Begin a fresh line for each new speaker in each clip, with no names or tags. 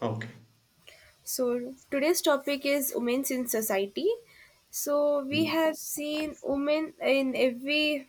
Okay.
So today's topic is women in society. So we
Mm.
have seen women in every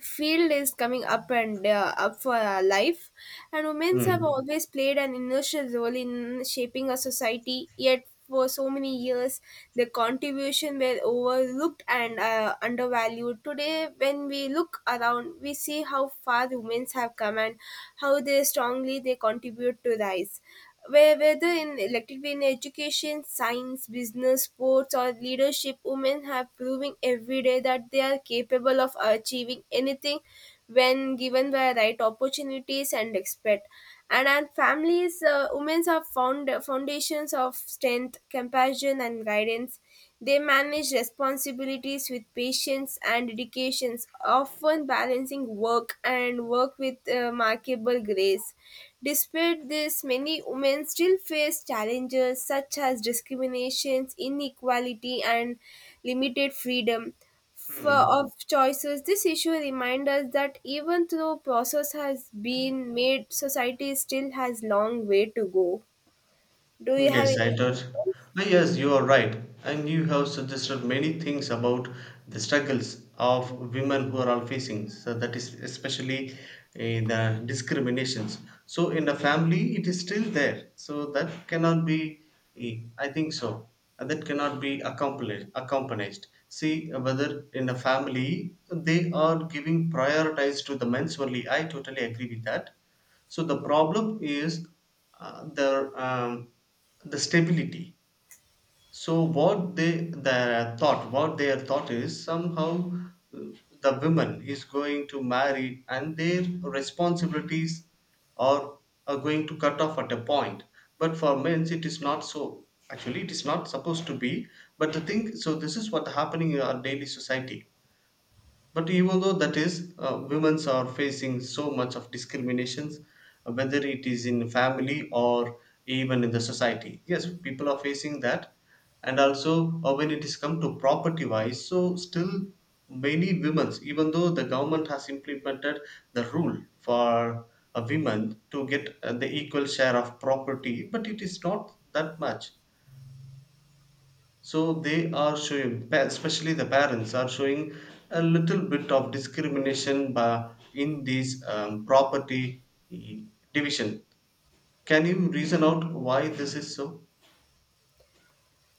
field is coming up and up for our life, and women have
Mm.
always played an initial role in shaping a society. Yet for so many years, their contribution were overlooked and undervalued. Today, when we look around, we see how far women have come and how they strongly they contribute to rise. Whether in elected in education, science, business, sports, or leadership, women have proven every day that they are capable of achieving anything when given the right opportunities and expect. And families, women have found foundations of strength, compassion, and guidance. They manage responsibilities with patience and dedication, often balancing work with remarkable grace. Despite this, many women still face challenges such as discriminations, inequality, and limited freedom of choices. This issue reminds us that even though process has been made, society still has long way to go. Do you have
Yes,
any
I thought.
questions?
Yes, you are right. And you have suggested many things about the struggles of women who are all facing. So that is especially the discriminations. So in the family, it is still there. So that cannot be. I think so. And that cannot be accomplished. Accomplished. See, whether in the family they are giving prioritize to the men's only. I totally agree with that. So the problem is uh, the um, the stability. So what they the thought what their thought is, somehow, uh, the woman is going to marry and their responsibilities are are going to cut off at a point, but for men it is not so. Actually, it is not supposed to be, but the thing, so this is what happening in our daily society. But even though that is, women are facing so much of discriminations, whether it is in family or even in the society. Yes, people are facing that, and also, when it is come to property wise, so still many women, even though the government has implemented the rule for a women to get the equal share of property, but it is not that much. So they are showing especially the parents are showing a little bit of discrimination by in this property eh, division. Can you reason out why this is so?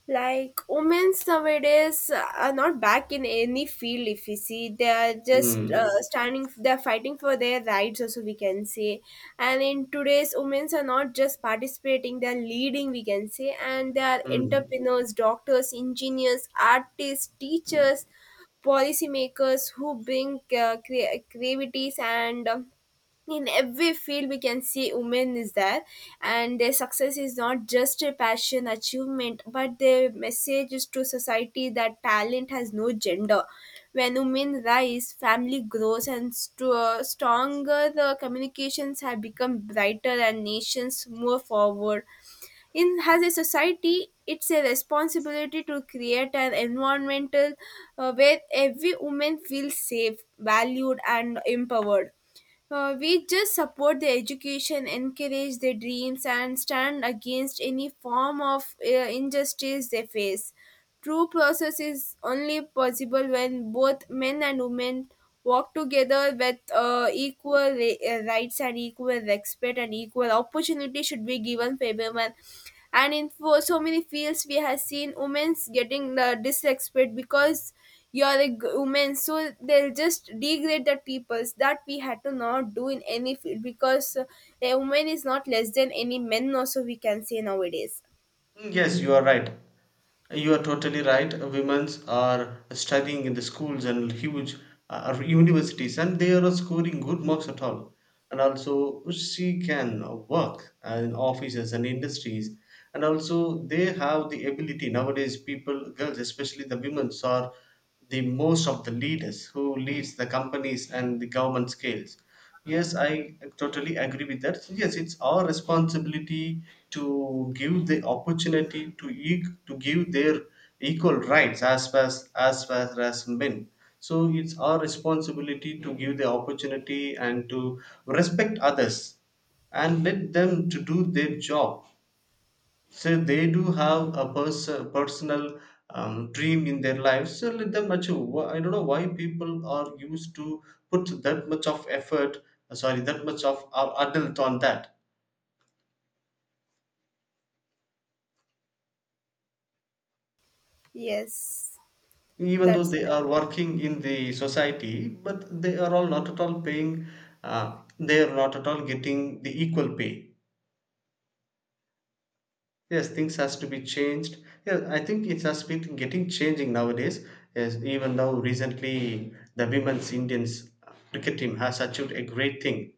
Like women's nowadays are not back in any field. If we see, they are just
Mm.
standing, they're fighting for their rights also, we can say. And in today's, women's are not just participating, they're leading, we can say, and they are
Mm.
entrepreneurs, doctors, engineers, artists, teachers, policymakers who bring creativities and in every field we can see women is there. And their success is not just a passion achievement, but their message is to society that talent has no gender. When women rise, family grows and stronger, the communications have become brighter, and nations move forward. In as a society, it's a responsibility to create an environmental where every woman feels safe, valued, and empowered. We just support their education, encourage their dreams, and stand against any form of injustice they face. True process is only possible when both men and women work together with equal rights, and equal respect and equal opportunity should be given for everyone. And in for so many fields, we have seen women's getting the disrespect because you're a woman, so they'll just degrade that peoples that we had to not do in any field, because a woman is not less than any men also, we can say nowadays.
Yes, you are right. You are totally right. Women's are studying in the schools and huge universities, and they are scoring good marks at all. And also, she can work in offices and industries. And also, they have the ability nowadays. People, girls, especially the women's are the most of the leaders who leads the companies and the government scales. Yes, I totally agree with that. So yes, it's our responsibility to give the opportunity to give their equal rights as far as men. So it's our responsibility to give the opportunity and to respect others and let them to do their job. So they do have a personal dream in their lives, so let them achieve. I don't know why people are used to put that much of effort, sorry, that much of our adult on that.
yes
Even though
that's
they are working in the society, but they are all not at all paying, they are not at all getting the equal pay. Yes, things has to be changed. Yeah, I think it has been getting changing nowadays. Yes, even though recently the women's Indians cricket team has achieved a great thing.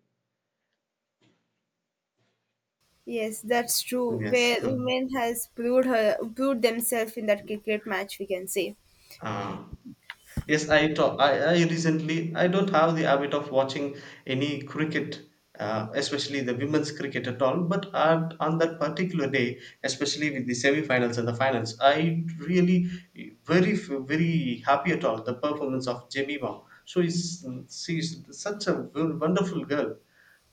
yes that's true,
Yes.
where women has proved themselves in that cricket match, we can say.
uh, Yes, I talk. I recently, I don't have the habit of watching any cricket, especially the women's cricket at all. But at, on that particular day, especially with the semi-finals and the finals, I really very happy at all the performance of Jemima. So is she's such a wonderful girl,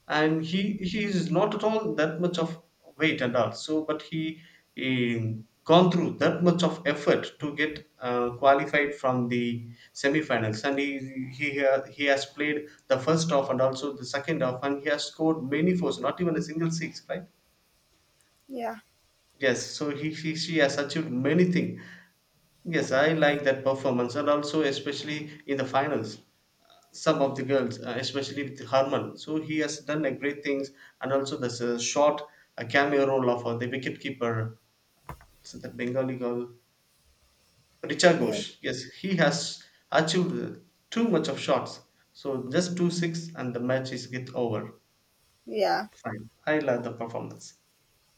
and he is not at all that much of weight and all so but he, eh, gone through that much of effort to get qualified from the semifinals. And he has played the first half and also the second half, and he has scored many fours, not even a single six, right?
Yeah.
Yes, so she has achieved many things. Yes, I like that performance, and also especially in the finals, some of the girls, especially with Harman. So he has done a great things, and also there's a short, a cameo role of the wicketkeeper, so that Bengali girl, Richa
Yes.
Ghosh. Yes, he has achieved too much of shots. So just two six, and the match is get over.
Yeah.
Fine, I love the performance.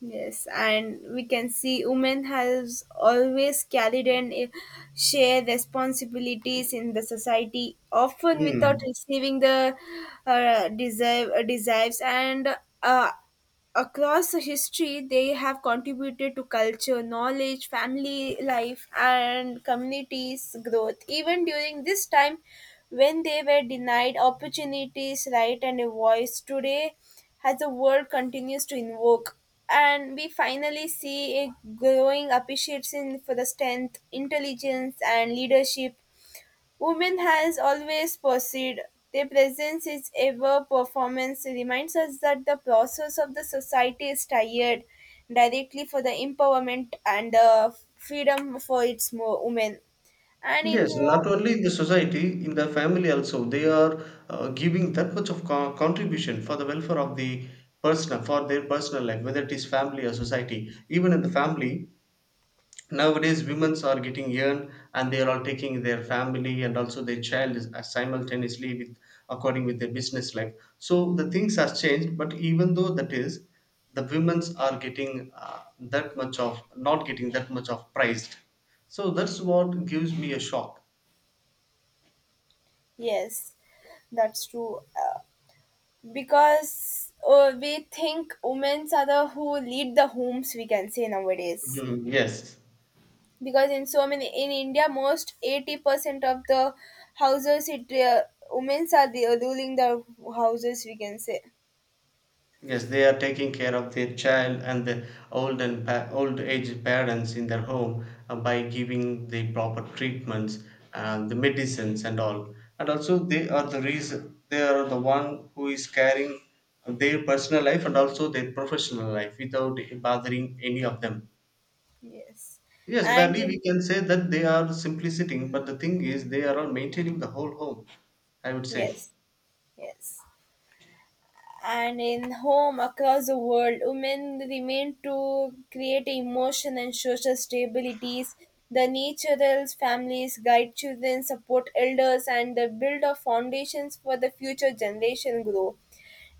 Yes, and we can see women has always carried and share responsibilities in the society, often without
Hmm.
receiving the deserve desires and uh, across the history they have contributed to culture, knowledge, family life, and communities growth, even during this time when they were denied opportunities right and a voice. Today, as the world continues to invoke, and we finally see a growing appreciation for the strength, intelligence, and leadership women has always perceived; their presence is ever performance reminds us that the process of the society is tired directly for the empowerment and the freedom for its women. And in
Yes,
whom,
not only in the society, in the family also, they are giving that much of contribution for the welfare of the person, for their personal life, whether it is family or society. Even in the family, nowadays women are getting young and they are all taking their family and also their child simultaneously with according with their business life. So the things has changed, but even though that is, the women's are getting that much of, not getting that much of prized. So that's what gives me a shock.
yes, that's true. Because we think women are the who lead the homes, we can say nowadays.
Mhm. Yes,
Because in so many in India, most 80% of the houses, it women are the, ruling the houses, we can say.
yes, they are taking care of their child and the old age parents in their home by giving the proper treatments, and the medicines and all. And also, they are the reason, they are the one who is carrying their personal life and also their professional life without bothering any of them.
Yes,
Yes,
and
barely we
in
can say that they are simply sitting, but the thing is, they are all maintaining the whole home. I would say.
yes, yes, and in home across the world, women remain to create emotion and social stabilities. The natural families guide children, support elders, and the build of foundations for the future generation grow.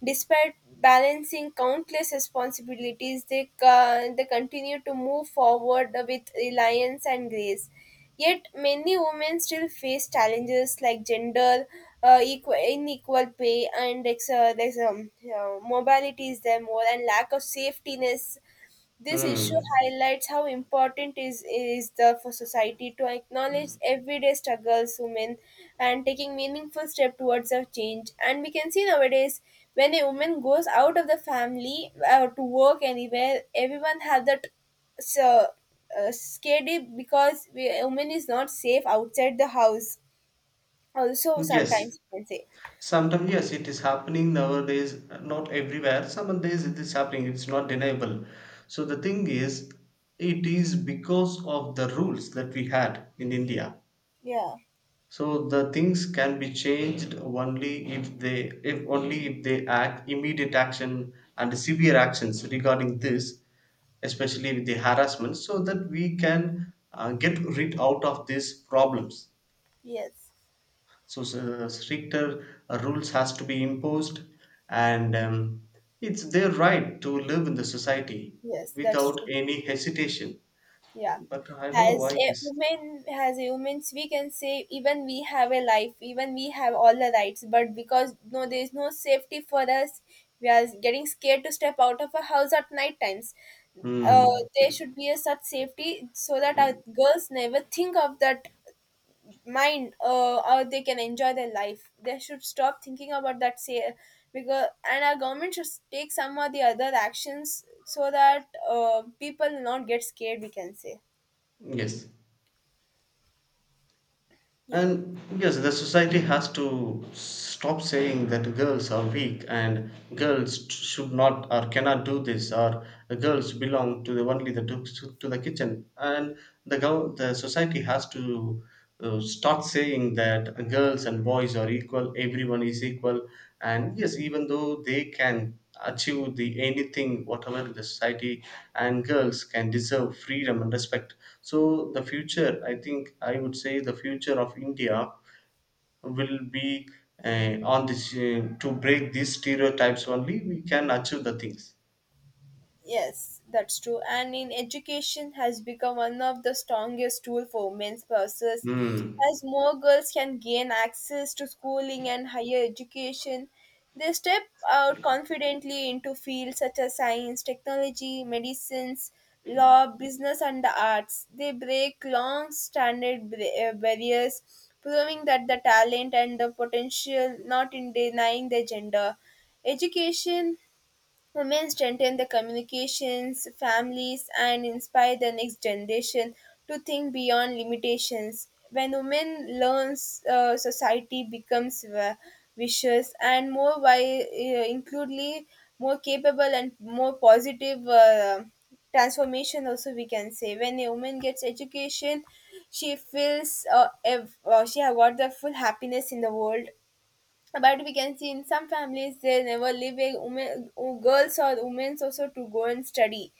Despite balancing countless responsibilities, they, they continue to move forward with reliance and grace. Yet, many women still face challenges like gender equal, inequal pay and there's, mobility is there more, and lack of safetiness. This issue
Hmm.
highlights how important is the for society to acknowledge everyday struggles women and taking meaningful step towards a change. And we can see nowadays when a woman goes out of the family to work anywhere, everyone have that so, scaredy, because we, a woman is not safe outside the house. Also,
Yes.
sometimes you can say,
Sometimes, yes, it is happening nowadays, not everywhere. Some days it is happening, it's not deniable. So, the thing is, it is because of the rules that we had in India.
yeah,
So, the things can be changed only if they, if only if they act immediate action and severe actions regarding this, especially with the harassment, so that we can get rid out of these problems.
yes,
So stricter rules has to be imposed, and it's their right to live in the society
yes, that's
without
true.
any hesitation.
Yeah.
But I don't know
As
why it
a
is.
woman, as a women's, we can say even we have a life, even we have all the rights, but because no, there is no safety for us, we are getting scared to step out of a house at night times. Uh,
Hmm.
there should be a such safety so that our girls never think of that mind, or they can enjoy their life. They should stop thinking about that say because and our government should take some or the other actions so that people not get scared, we can say.
Yes.
Yeah.
And yes, the society has to stop saying that girls are weak and girls should not or cannot do this, or girls belong to the only the to the kitchen. And the the society has to start saying that girls and boys are equal, everyone is equal. And yes, even though they can achieve the anything whatever the society, and girls can deserve freedom and respect. So the future, I think, I would say the future of India will be on this, to break these stereotypes only we can achieve the things.
Yes, that's true. And in education has become one of the strongest tool for women's pursuits,
Hmm.
as more girls can gain access to schooling and higher education. They step out confidently into fields such as science, technology, medicines, law, business, and the arts. They break long standard barriers, proving that the talent and the potential not in denying their gender. Education women strengthen the communications, families, and inspire the next generation to think beyond limitations. When women learns, society becomes vicious and more includely, more capable and more positive transformation. Also, we can say when a woman gets education, she feels she have got the full happiness in the world. But we can see in some families they never leave a woman, girls or women also to go and study.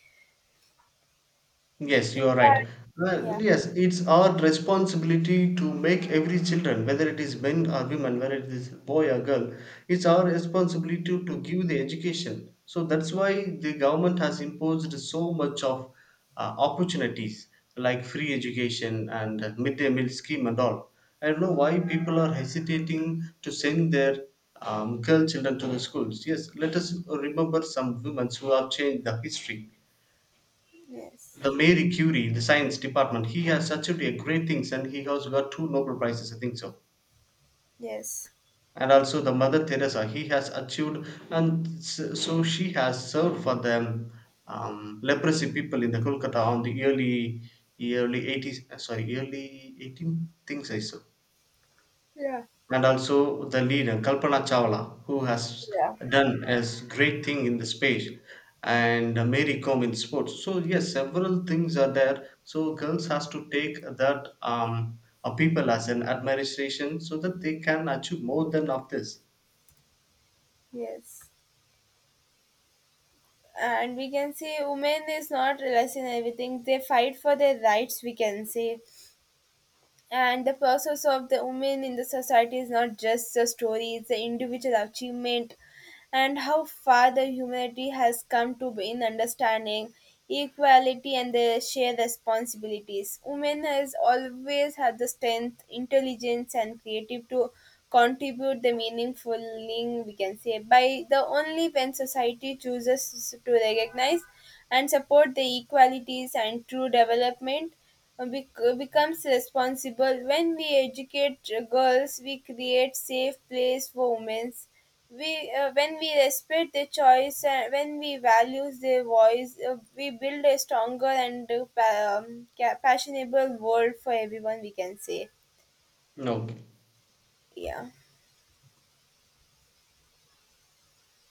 Yes, you are right.
Yeah.
Well, yes, it's our responsibility to make every children, whether it is men or women, whether it is boy or girl, it's our responsibility to give the education. So that's why the government has imposed so much of opportunities like free education and midday meal scheme and all. I don't know why people are hesitating to send their girl children to the schools. Yes, let us remember some women who have changed the history:
Yes.
the Mary Curie, the science department, he has achieved a great things and he has got two Nobel Prizes, I think so.
Yes.
And also the Mother Teresa, he has achieved, and so she has served for the leprosy people in the Kolkata on the early 80s, sorry, early 18 things I saw.
Yeah.
And also the leader Kalpana Chawla, who has
Yeah.
done a great thing in the space, and Mary Kom in sports. So yes, several things are there. So girls has to take that people as an admiration so that they can achieve more than of this.
Yes. And we can see women is not less in everything. They fight for their rights, we can say. And the process of the women in the society is not just a story, it's an individual achievement and how far the humanity has come to be in understanding equality and the shared responsibilities. Women has always had the strength, intelligence, and creative to contribute the meaningful, we can say. By the only when society chooses to recognize and support the equalities and true development becomes responsible. When we educate girls, we create safe place for women. We, when we respect their choice and when we value their voice, we build a stronger and fashionable world for everyone, we can say.
No.
Yeah.